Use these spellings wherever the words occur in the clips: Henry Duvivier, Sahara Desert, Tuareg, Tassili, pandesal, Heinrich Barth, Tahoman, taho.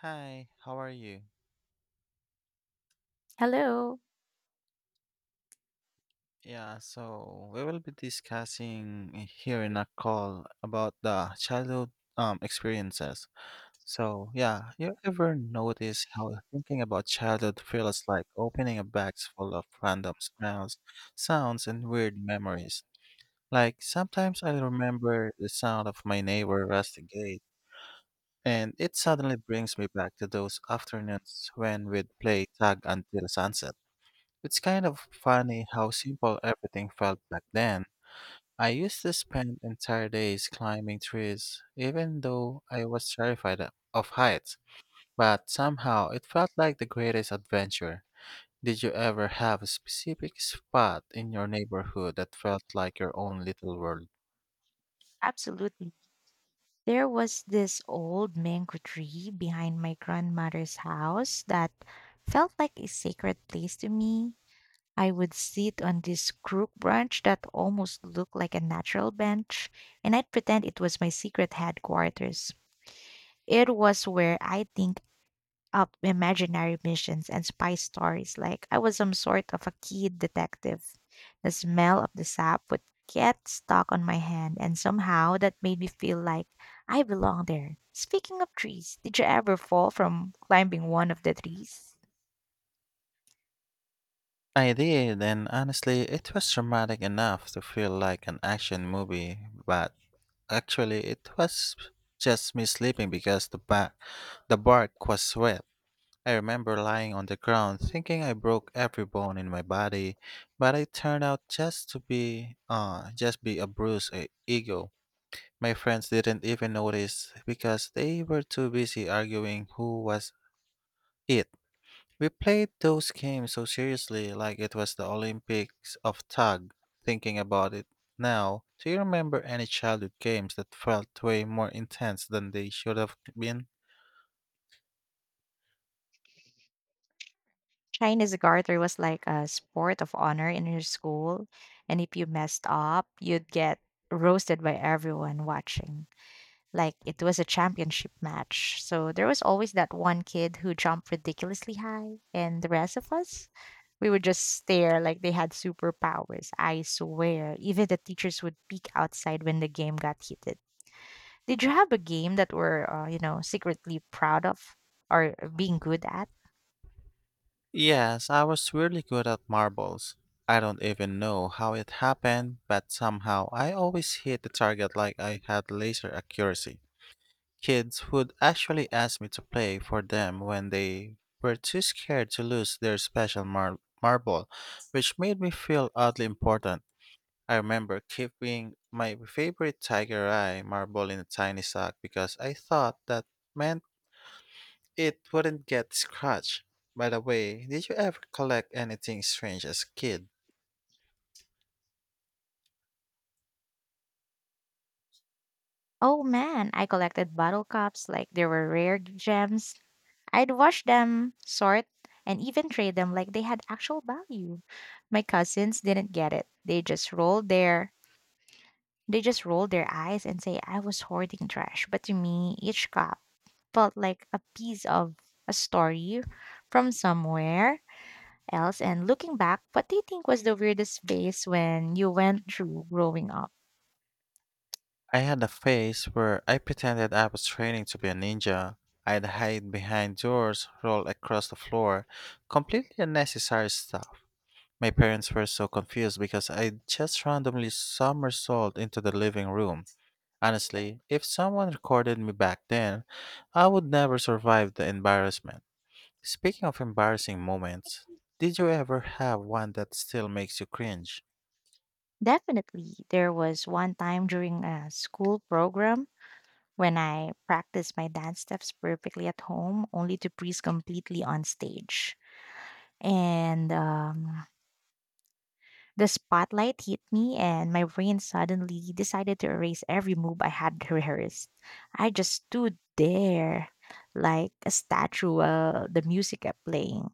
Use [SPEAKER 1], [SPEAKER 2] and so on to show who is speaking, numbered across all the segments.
[SPEAKER 1] Hi, how are you?
[SPEAKER 2] Hello.
[SPEAKER 1] Yeah, so we will be discussing here in a call about the childhood experiences. So, yeah, you ever notice how thinking about childhood feels like opening a box full of random smells, sounds, and weird memories? Like, sometimes I remember the sound of my neighbor rusty gate, and it suddenly brings me back to those afternoons when we'd play tag until sunset. It's kind of funny how simple everything felt back then. I used to spend entire days climbing trees, even though I was terrified of heights. But somehow it felt like the greatest adventure. Did you ever have a specific spot in your neighborhood that felt like your own little world?
[SPEAKER 2] Absolutely. There was this old mango tree behind my grandmother's house that felt like a sacred place to me. I would sit on this crook branch that almost looked like a natural bench, and I'd pretend it was my secret headquarters. It was where I think up imaginary missions and spy stories like I was some sort of a kid detective. The smell of the sap would get stuck on my hand, and somehow that made me feel like I belong there. Speaking of trees, did you ever fall from climbing one of the trees?
[SPEAKER 1] I did, and honestly, it was dramatic enough to feel like an action movie, but actually, it was just me sleeping because the bark was wet. I remember lying on the ground thinking I broke every bone in my body, but it turned out just to be a bruised ego. My friends didn't even notice because they were too busy arguing who was it. We played those games so seriously like it was the Olympics of tug. Thinking about it now, do you remember any childhood games that felt way more intense than they should have been?
[SPEAKER 2] Chinese garter was like a sport of honor in your school, and if you messed up, you'd get roasted by everyone watching, like it was a championship match. So there was always that one kid who jumped ridiculously high, and the rest of us, we would just stare like they had superpowers. I swear, even the teachers would peek outside when the game got heated. Did you have a game that were, secretly proud of or being good at?
[SPEAKER 1] Yes, I was really good at marbles. I don't even know how it happened, but somehow I always hit the target like I had laser accuracy. Kids would actually ask me to play for them when they were too scared to lose their special marble, which made me feel oddly important. I remember keeping my favorite tiger eye marble in a tiny sack because I thought that meant it wouldn't get scratched. By the way, did you ever collect anything strange as a kid?
[SPEAKER 2] Oh man, I collected bottle caps like they were rare gems. I'd wash them, sort, and even trade them like they had actual value. My cousins didn't get it. They just rolled their they just rolled their eyes and say I was hoarding trash. But to me, each cup felt like a piece of a story from somewhere else. And looking back, what do you think was the weirdest phase when you went through growing up?
[SPEAKER 1] I had a phase where I pretended I was training to be a ninja. I'd hide behind doors, roll across the floor, completely unnecessary stuff. My parents were so confused because I just randomly somersaulted into the living room. Honestly, if someone recorded me back then, I would never survive the embarrassment. Speaking of embarrassing moments, did you ever have one that still makes you cringe?
[SPEAKER 2] Definitely, there was one time during a school program when I practice my dance steps perfectly at home, only to freeze completely on stage. And The spotlight hit me, and my brain suddenly decided to erase every move I had rehearsed. I just stood there like a statue while the music kept playing.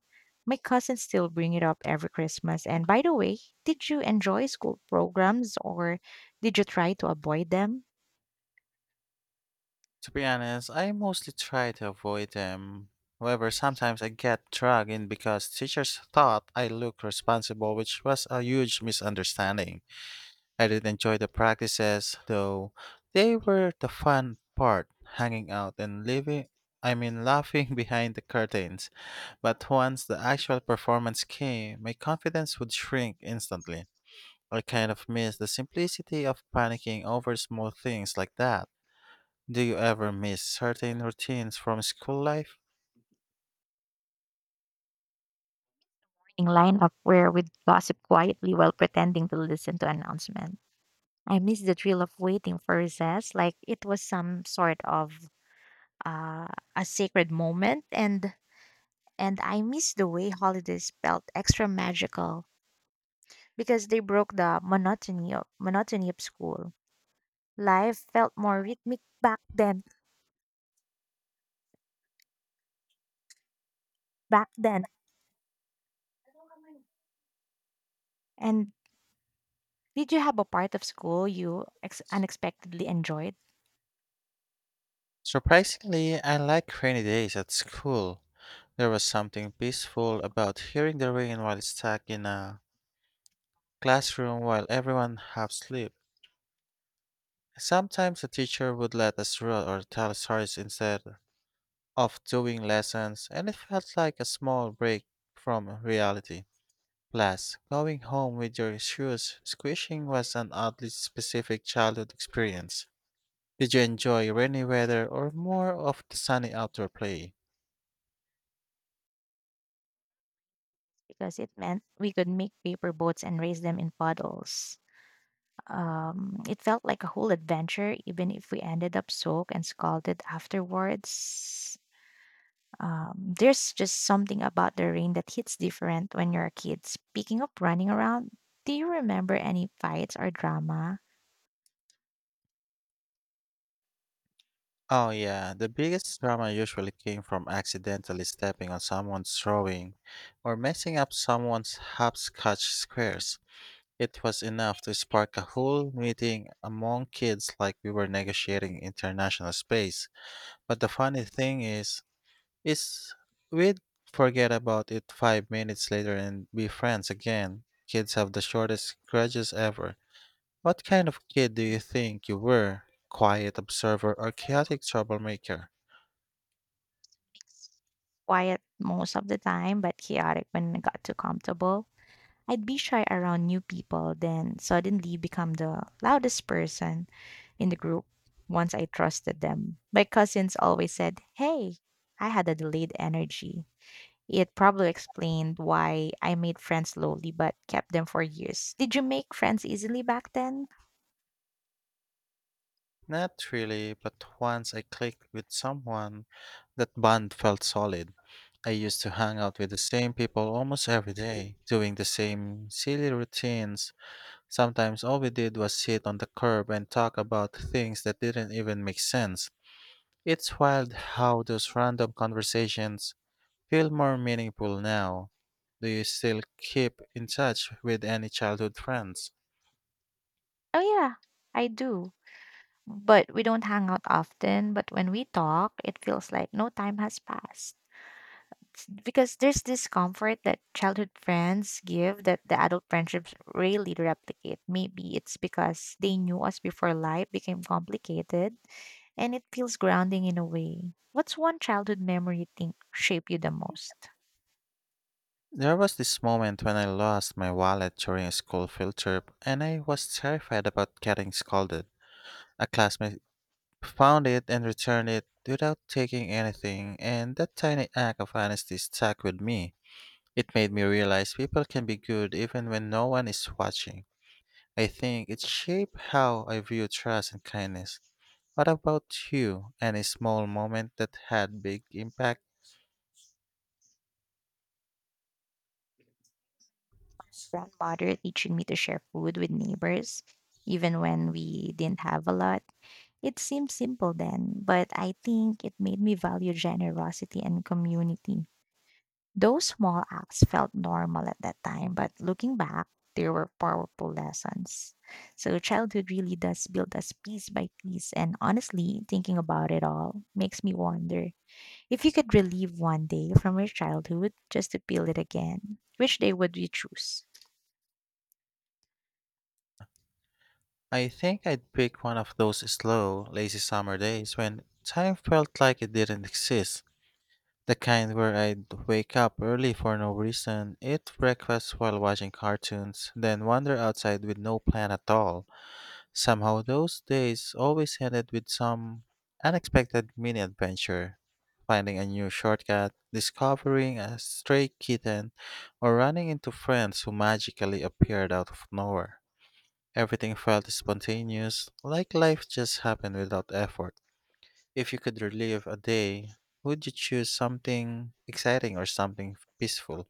[SPEAKER 2] My cousins still bring it up every Christmas. And by the way, did you enjoy school programs or did you try to avoid them?
[SPEAKER 1] To be honest, I mostly try to avoid them. However, sometimes I get dragged in because teachers thought I looked responsible, which was a huge misunderstanding. I did enjoy the practices, though they were the fun part, hanging out and living I mean laughing behind the curtains. But once the actual performance came, my confidence would shrink instantly. I kind of miss the simplicity of panicking over small things like that. Do you ever miss certain routines from school life?
[SPEAKER 2] Line up, where we'd gossip quietly while pretending to listen to announcement. I miss the thrill of waiting for recess, like it was some sort of uh, a sacred moment, and I miss the way holidays felt extra magical because they broke the monotony of school. Life felt more rhythmic back then. Back then, and Did you have a part of school you unexpectedly enjoyed?
[SPEAKER 1] Surprisingly, I like rainy days at school. There was something peaceful about hearing the rain while stuck in a classroom while everyone half sleep. Sometimes the teacher would let us run or tell stories instead of doing lessons, and it felt like a small break from reality. Plus, going home with your shoes squishing was an oddly specific childhood experience. Did you enjoy rainy weather or more of the sunny outdoor play?
[SPEAKER 2] Because it meant we could make paper boats and raise them in puddles. It felt like a whole adventure, even if we ended up soaked and scalded afterwards. There's just something about the rain that hits different when you're a kid. Speaking of running around, do you remember any fights or drama?
[SPEAKER 1] Oh yeah, the biggest drama usually came from accidentally stepping on someone's drawing or messing up someone's hopscotch squares. It was enough to spark a whole meeting among kids like we were negotiating international space. But the funny thing is, we'd forget about it 5 minutes later and be friends again. Kids have the shortest grudges ever. What kind of kid do you think you were? Quiet observer or chaotic troublemaker?
[SPEAKER 2] Quiet most of the time, but chaotic when I got too comfortable. I'd be shy around new people, then suddenly become the loudest person in the group once I trusted them. My cousins always said, "Hey, I had a delayed energy." It probably explained why I made friends slowly but kept them for years. Did you make friends easily back then?
[SPEAKER 1] Not really, but once I clicked with someone, that bond felt solid. I used to hang out with the same people almost every day, doing the same silly routines. Sometimes all we did was sit on the curb and talk about things that didn't even make sense. It's wild how those random conversations feel more meaningful now. Do you still keep in touch with any childhood friends?
[SPEAKER 2] Oh, yeah, I do. But we don't hang out often. But when we talk, it feels like no time has passed. It's because there's this comfort that childhood friends give that the adult friendships rarely replicate. Maybe it's because they knew us before life became complicated and it feels grounding in a way. What's one childhood memory you think shaped you the most?
[SPEAKER 1] There was this moment when I lost my wallet during a school field trip and I was terrified about getting scolded. A classmate found it and returned it without taking anything, and that tiny act of honesty stuck with me. It made me realize people can be good even when no one is watching. I think it shaped how I view trust and kindness. What about you? Any small moment that had big impact?
[SPEAKER 2] Grandmother teaching me to share food with neighbors, even when we didn't have a lot. It seemed simple then, but I think it made me value generosity and community. Those small acts felt normal at that time, but looking back, they were powerful lessons. So childhood really does build us piece by piece, and honestly, thinking about it all makes me wonder, if you could relive one day from your childhood just to feel it again, which day would you choose?
[SPEAKER 1] I think I'd pick one of those slow, lazy summer days when time felt like it didn't exist. The kind where I'd wake up early for no reason, eat breakfast while watching cartoons, then wander outside with no plan at all. Somehow those days always ended with some unexpected mini adventure. Finding a new shortcut, discovering a stray kitten, or running into friends who magically appeared out of nowhere. Everything felt spontaneous, like life just happened without effort. If you could relive a day, would you choose something exciting or something peaceful?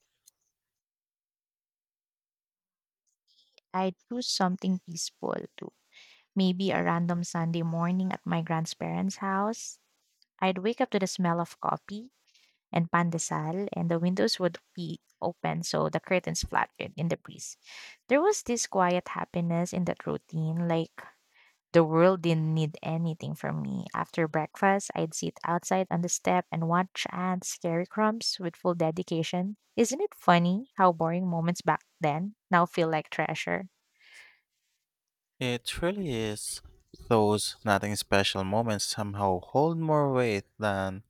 [SPEAKER 2] I'd choose something peaceful too. Maybe a random Sunday morning at my grandparents' house. I'd wake up to the smell of coffee and pandesal, and the windows would be open so the curtains fluttered in the breeze. There was this quiet happiness in that routine, like the world didn't need anything from me. After breakfast, I'd sit outside on the step and watch ants carry crumbs with full dedication. Isn't it funny how boring moments back then now feel like treasure?
[SPEAKER 1] It really is. Those nothing special moments somehow hold more weight than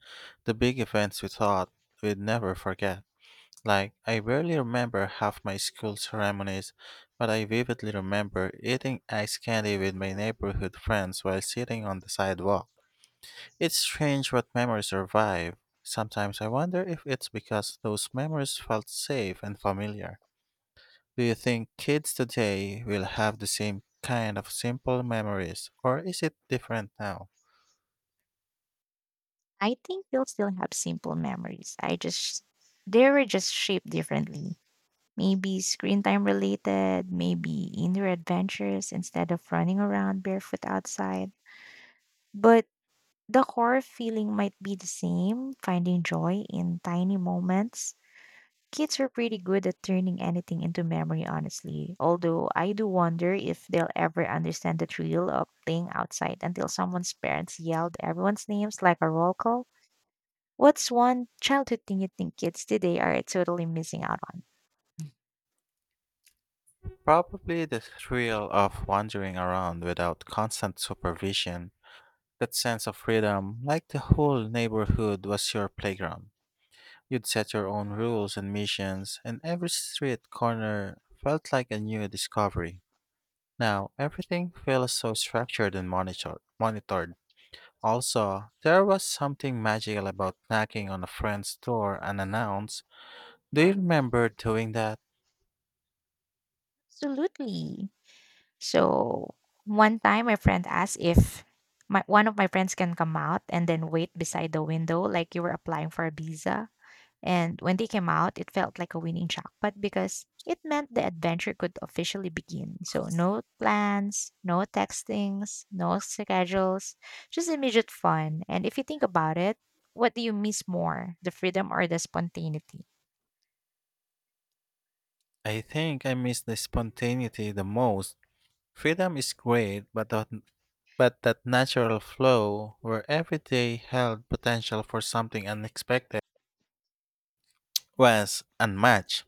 [SPEAKER 1] the big events we thought we'd never forget. Like, I barely remember half my school ceremonies, but I vividly remember eating ice candy with my neighborhood friends while sitting on the sidewalk. It's strange what memories survive. Sometimes I wonder if it's because those memories felt safe and familiar. Do you think kids today will have the same kind of simple memories, or is it different now?
[SPEAKER 2] I think we'll still have simple memories. I just They were just shaped differently. Maybe screen time related, maybe indoor adventures instead of running around barefoot outside. But the core feeling might be the same, finding joy in tiny moments. Kids are pretty good at turning anything into memory, honestly. Although I do wonder if they'll ever understand the thrill of playing outside until someone's parents yelled everyone's names like a roll call. What's one childhood thing you think kids today are totally missing out on?
[SPEAKER 1] Probably the thrill of wandering around without constant supervision, that sense of freedom, like the whole neighborhood was your playground. You'd set your own rules and missions, and every street corner felt like a new discovery. Now, everything feels so structured and monitored. Also, there was something magical about knocking on a friend's door unannounced. Do you remember doing that?
[SPEAKER 2] Absolutely. So one time my friend asked if my one of my friends can come out and then wait beside the window like you were applying for a visa. And when they came out, it felt like a winning jackpot because it meant the adventure could officially begin. So no plans, no textings, no schedules, just immediate fun. And if you think about it, what do you miss more, the freedom or the spontaneity?
[SPEAKER 1] I think I miss the spontaneity the most. Freedom is great, but that natural flow where every day held potential for something unexpected was unmatched.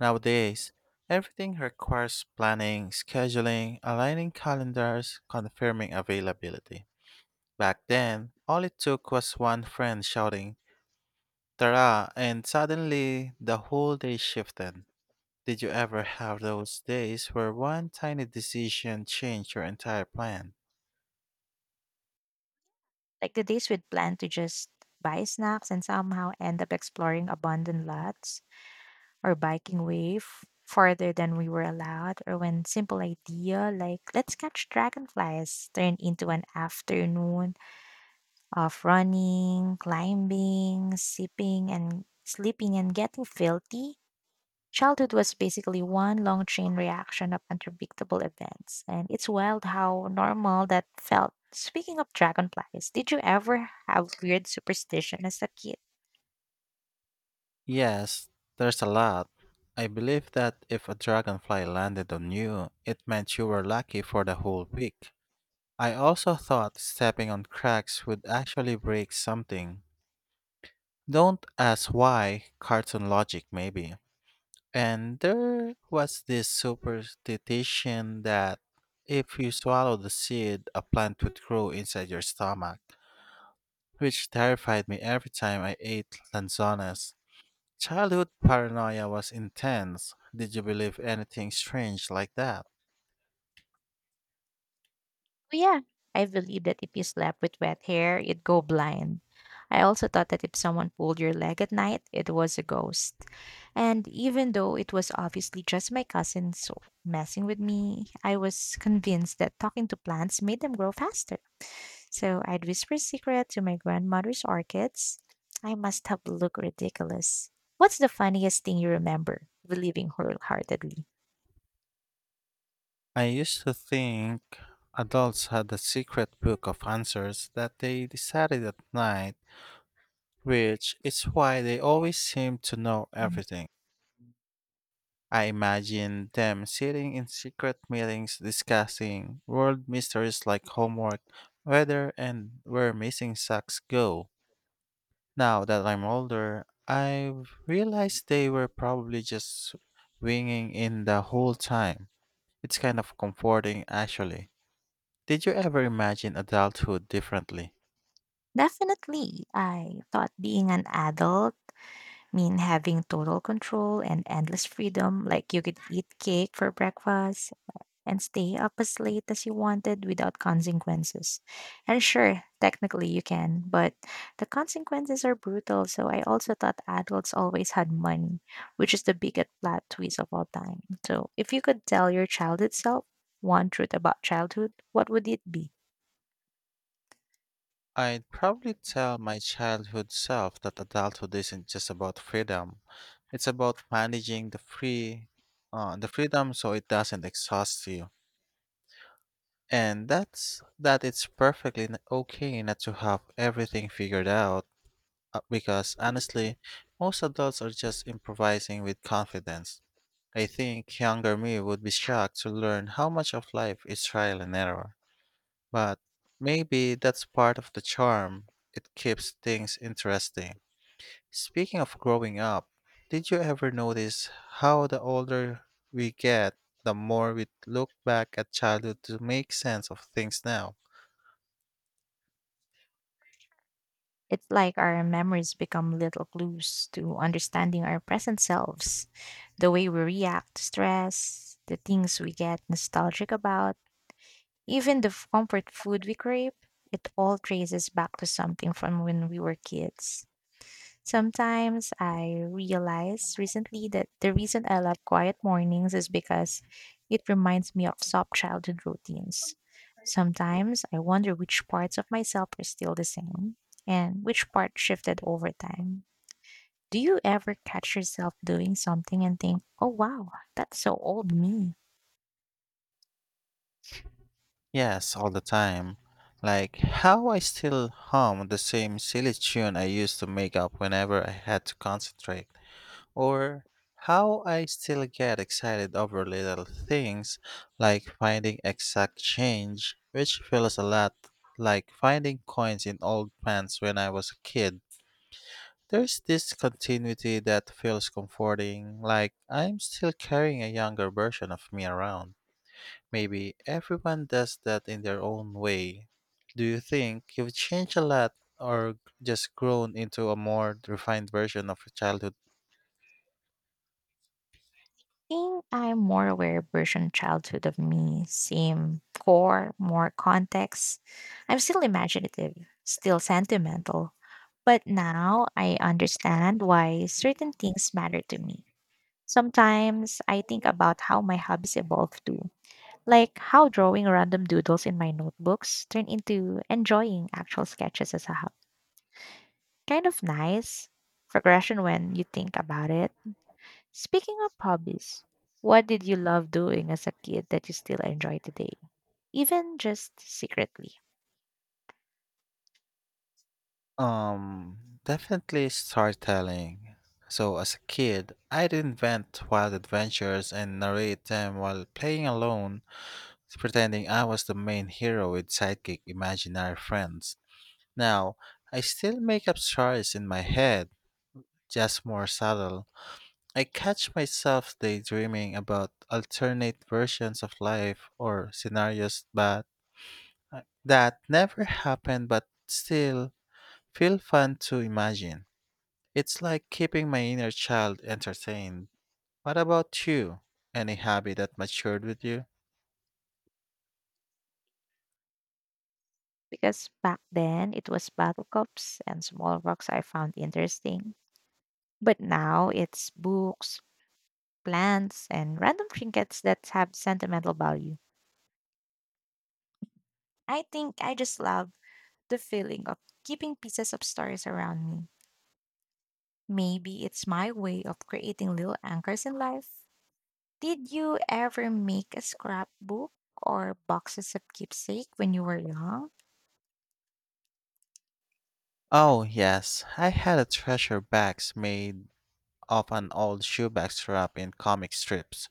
[SPEAKER 1] Nowadays, everything requires planning, scheduling, aligning calendars, confirming availability. Back then, all it took was one friend shouting, Tara, and suddenly the whole day shifted. Did you ever have those days where one tiny decision changed your entire plan?
[SPEAKER 2] Like the days we'd plan to just buy snacks and somehow end up exploring abandoned lots or biking way farther than we were allowed, or when simple idea like let's catch dragonflies turned into an afternoon of running, climbing, sipping, and sleeping and getting filthy. Childhood was basically one long chain reaction of unpredictable events, and it's wild how normal that felt. Speaking of dragonflies, did you ever have weird superstition as a kid?
[SPEAKER 1] Yes, there's a lot. I believe that if a dragonfly landed on you, it meant you were lucky for the whole week. I also thought stepping on cracks would actually break something. Don't ask why, cartoon logic maybe. And there was this superstition that if you swallow the seed, a plant would grow inside your stomach, which terrified me every time I ate lanzones. Childhood paranoia was intense. Did you believe anything strange like that?
[SPEAKER 2] Oh, yeah, I believed that if you slept with wet hair, you'd go blind. I also thought that if someone pulled your leg at night, it was a ghost. And even though it was obviously just my cousins messing with me, I was convinced that talking to plants made them grow faster. So I'd whisper secret to my grandmother's orchids. I must have looked ridiculous. What's the funniest thing you remember? Believing wholeheartedly.
[SPEAKER 1] I used to think adults had a secret book of answers that they decided at night, which is why they always seem to know
[SPEAKER 2] Mm.
[SPEAKER 1] everything. I imagine them sitting in secret meetings discussing world mysteries like homework, weather, and where missing socks go. Now that I'm older, I've realized they were probably just winging in the whole time. It's kind of comforting, actually. Did you ever imagine adulthood differently?
[SPEAKER 2] Definitely, I thought being an adult mean having total control and endless freedom, like you could eat cake for breakfast, and stay up as late as you wanted without consequences. And sure, technically you can, but the consequences are brutal, so I also thought adults always had money, which is the biggest plot twist of all time. So if you could tell your childhood self one truth about childhood, what would it be?
[SPEAKER 1] I'd probably tell my childhood self that adulthood isn't just about freedom. It's about managing the freedom so it doesn't exhaust you. And that's that it's perfectly okay not to have everything figured out because honestly, most adults are just improvising with confidence. I think younger me would be shocked to learn how much of life is trial and error. But maybe that's part of the charm. It keeps things interesting. Speaking of growing up, did you ever notice how the older we get, the more we look back at childhood to make sense of things now?
[SPEAKER 2] It's like our memories become little clues to understanding our present selves, the way we react to stress, the things we get nostalgic about, even the comfort food we crave, it all traces back to something from when we were kids. Sometimes I realized recently that the reason I love quiet mornings is because it reminds me of soft childhood routines. Sometimes I wonder which parts of myself are still the same and which part shifted over time. Do you ever catch yourself doing something and think, oh wow, that's so old me?
[SPEAKER 1] Yes, all the time. Like how I still hum the same silly tune I used to make up whenever I had to concentrate, or how I still get excited over little things like finding exact change, which feels a lot like finding coins in old pants when I was a kid. There's this continuity that feels comforting, like I'm still carrying a younger version of me around. Maybe everyone does that in their own way. Do you think you've changed a lot or just grown into a more refined version of your childhood?
[SPEAKER 2] Think I'm more aware version childhood of me, same core, more context. I'm still imaginative, still sentimental, but now I understand why certain things matter to me. Sometimes I think about how my hobbies evolve too, like how drawing random doodles in my notebooks turned into enjoying actual sketches as a hobby. Kind of nice progression when you think about it. Speaking of hobbies, what did you love doing as a kid that you still enjoy today? Even just secretly.
[SPEAKER 1] Definitely storytelling. So as a kid, I'd invent wild adventures and narrate them while playing alone, pretending I was the main hero with sidekick imaginary friends. Now, I still make up stories in my head, just more subtle. I catch myself daydreaming about alternate versions of life or scenarios that never happened but still feel fun to imagine. It's like keeping my inner child entertained. What about you? Any hobby that matured with you?
[SPEAKER 2] Because back then it was battle cups and small rocks I found interesting. But now it's books, plants, and random trinkets that have sentimental value. I think I just love the feeling of keeping pieces of stories around me. Maybe it's my way of creating little anchors in life. Did you ever make a scrapbook or boxes of keepsake when you were young?
[SPEAKER 1] Oh, yes. I had a treasure box made of an old shoebox wrapped in comic strips.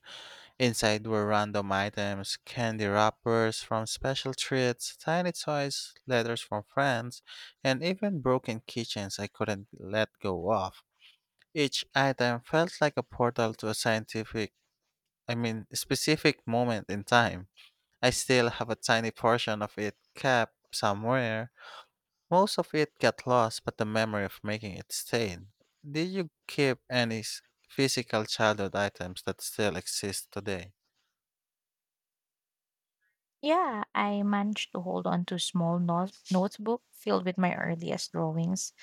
[SPEAKER 1] Inside were random items, candy wrappers from special treats, tiny toys, letters from friends, and even broken keychains I couldn't let go of. Each item felt like a portal to a specific moment in time. I still have a tiny portion of it kept somewhere. Most of it got lost, but the memory of making it stayed. Did you keep any physical childhood items that still exist today?
[SPEAKER 2] Yeah, I managed to hold on to a small notebook filled with my earliest drawings.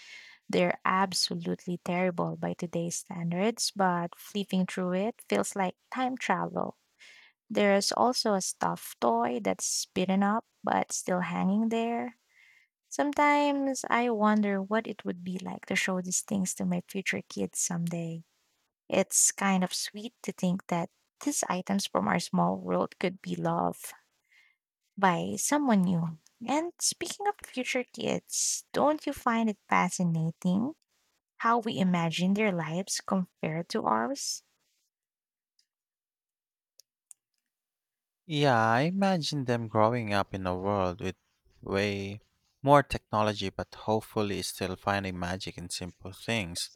[SPEAKER 2] They're absolutely terrible by today's standards, but flipping through it feels like time travel. There's also a stuffed toy that's beaten up but still hanging there. Sometimes I wonder what it would be like to show these things to my future kids someday. It's kind of sweet to think that these items from our small world could be loved by someone new. And speaking of future kids, don't you find it fascinating how we imagine their lives compared to ours?
[SPEAKER 1] Yeah, I imagine them growing up in a world with way more technology, but hopefully still finding magic in simple things.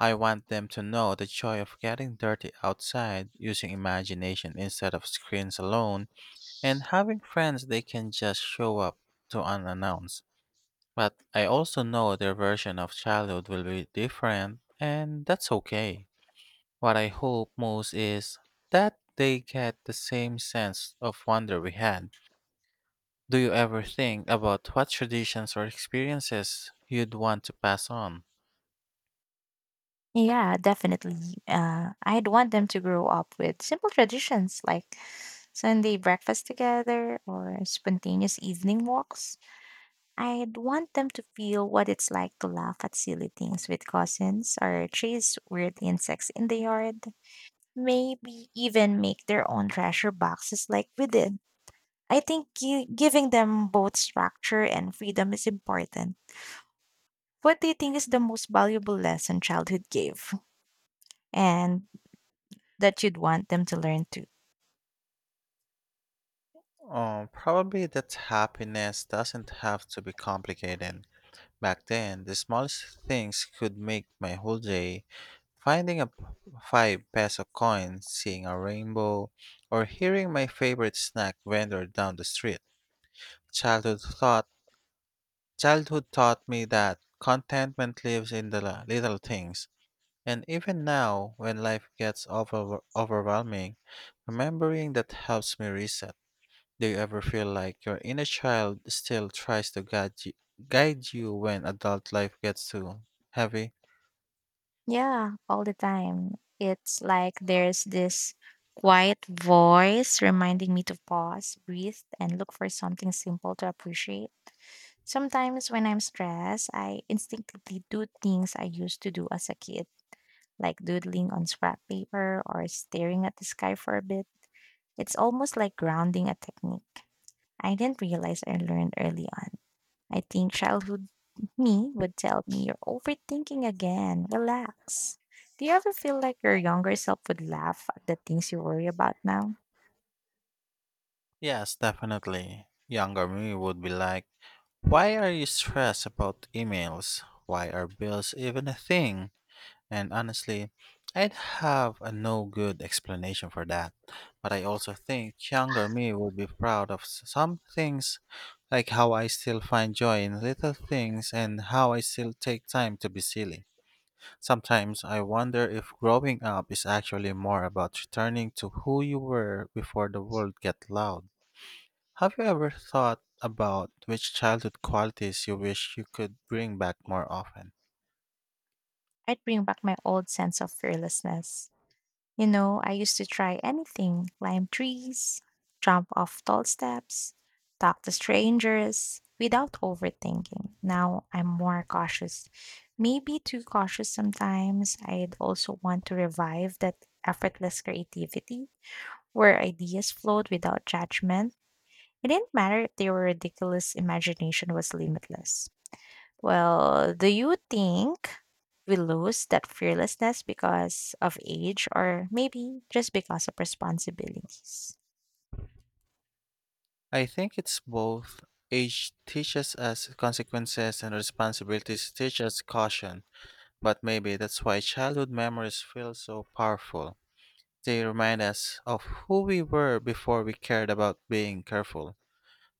[SPEAKER 1] I want them to know the joy of getting dirty outside using imagination instead of screens alone. And having friends they can just show up to unannounced. But I also know their version of childhood will be different, and that's okay. What I hope most is that they get the same sense of wonder we had. Do you ever think about what traditions or experiences you'd want to pass on?
[SPEAKER 2] Yeah, definitely. I'd want them to grow up with simple traditions like Sunday breakfast together or spontaneous evening walks. I'd want them to feel what it's like to laugh at silly things with cousins or chase weird insects in the yard. Maybe even make their own treasure boxes like we did. I think giving them both structure and freedom is important. What do you think is the most valuable lesson childhood gave and that you'd want them to learn too?
[SPEAKER 1] Probably that happiness doesn't have to be complicated. Back then, the smallest things could make my whole day. Finding a 5 peso coin, seeing a rainbow, or hearing my favorite snack vendor down the street. Childhood thought Childhood taught me that contentment lives in the little things. And even now, when life gets overwhelming, remembering that helps me reset. Do you ever feel like your inner child still tries to guide you when adult life gets too heavy?
[SPEAKER 2] Yeah, all the time. It's like there's this quiet voice reminding me to pause, breathe, and look for something simple to appreciate. Sometimes when I'm stressed, I instinctively do things I used to do as a kid, like doodling on scrap paper or staring at the sky for a bit. It's almost like grounding a technique I didn't realize I learned early on. I think childhood me would tell me, "You're overthinking again. Relax." Do you ever feel like your younger self would laugh at the things you worry about now?
[SPEAKER 1] Yes, definitely. Younger me would be like, why are you stressed about emails? Why are bills even a thing? And honestly, I'd have a no good explanation for that. But I also think younger me would be proud of some things, like how I still find joy in little things and how I still take time to be silly. Sometimes I wonder if growing up is actually more about returning to who you were before the world got loud. Have you ever thought about which childhood qualities you wish you could bring back more often?
[SPEAKER 2] I'd bring back my old sense of fearlessness. You know, I used to try anything, climb trees, jump off tall steps, talk to strangers without overthinking. Now I'm more cautious, maybe too cautious sometimes. I'd also want to revive that effortless creativity where ideas flowed without judgment. It didn't matter if they were ridiculous, imagination was limitless. Well, do you think we lose that fearlessness because of age or maybe just because of responsibilities?
[SPEAKER 1] I think it's both. Age teaches us consequences and responsibilities teach us caution, but maybe that's why childhood memories feel so powerful. They remind us of who we were before we cared about being careful.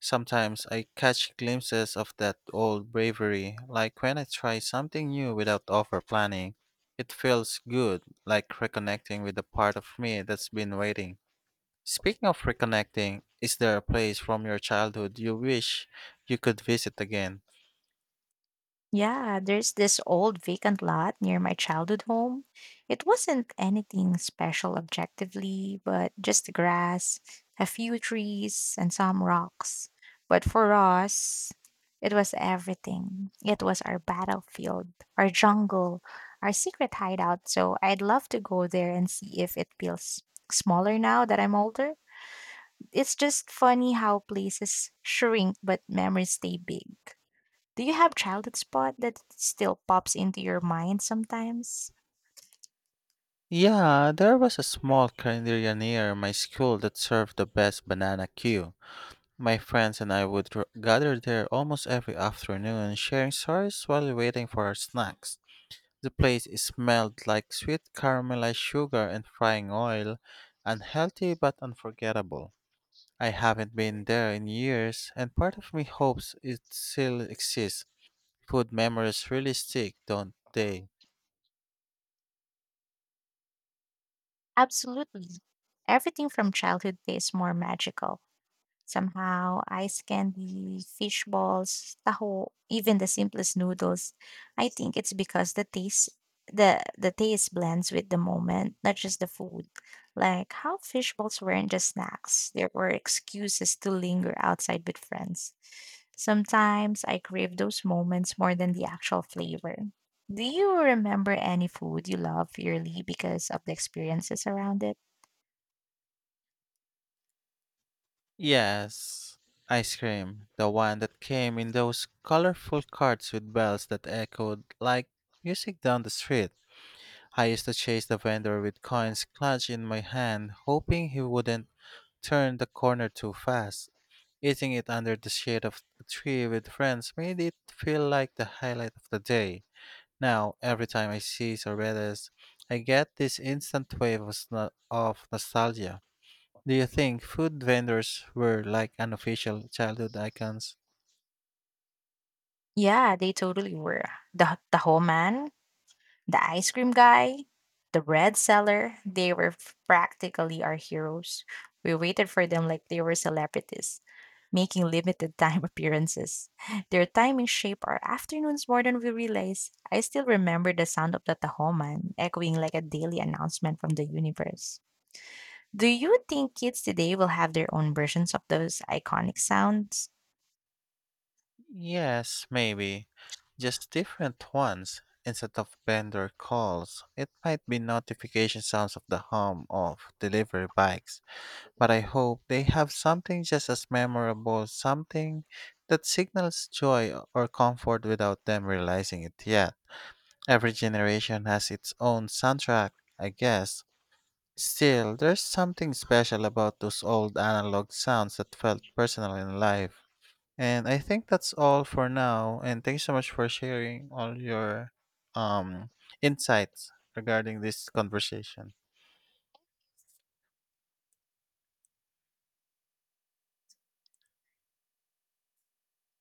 [SPEAKER 1] Sometimes I catch glimpses of that old bravery, like when I try something new without over planning. It feels good, like reconnecting with the part of me that's been waiting. Speaking of reconnecting, is there a place from your childhood you wish you could visit again?
[SPEAKER 2] Yeah, there's this old vacant lot near my childhood home. It wasn't anything special objectively, but just grass, a few trees, and some rocks. But for us, it was everything. It was our battlefield, our jungle, our secret hideout. So I'd love to go there and see if it feels smaller now that I'm older. It's just funny how places shrink, but memories stay big. Do you have childhood spot that still pops into your mind sometimes?
[SPEAKER 1] Yeah, there was a small cannery near my school that served the best banana queue. My friends and I would gather there almost every afternoon, sharing stories while waiting for our snacks. The place smelled like sweet caramelized sugar and frying oil, unhealthy but unforgettable. I haven't been there in years, and part of me hopes it still exists. Food memories really stick, don't they?
[SPEAKER 2] Absolutely. Everything from childhood tastes more magical. Somehow, ice candy, fish balls, taho, even the simplest noodles. I think it's because the taste blends with the moment, not just the food. Like how fish balls weren't just snacks. There were excuses to linger outside with friends. Sometimes I crave those moments more than the actual flavor. Do you remember any food you love purely because of the experiences around it?
[SPEAKER 1] Yes, ice cream, the one that came in those colorful carts with bells that echoed like music down the street. I used to chase the vendor with coins clutched in my hand, hoping he wouldn't turn the corner too fast. Eating it under the shade of a tree with friends made it feel like the highlight of the day. Now, every time I see sorbetes, I get this instant wave of, of nostalgia. Do you think food vendors were like unofficial childhood icons?
[SPEAKER 2] Yeah, they totally were. The whole man The ice cream guy, the bread seller, they were practically our heroes. We waited for them like they were celebrities, making limited time appearances. Their timing shaped our afternoons more than we realized. I still remember the sound of the Tahoman echoing like a daily announcement from the universe. Do you think kids today will have their own versions of those iconic sounds?
[SPEAKER 1] Yes, maybe. Just different ones. Instead of vendor calls, it might be notification sounds of the hum of delivery bikes. But I hope they have something just as memorable, something that signals joy or comfort without them realizing it yet. Every generation has its own soundtrack, I guess. Still, there's something special about those old analog sounds that felt personal in life. And I think that's all for now. And thanks so much for sharing all your um, insights regarding this conversation.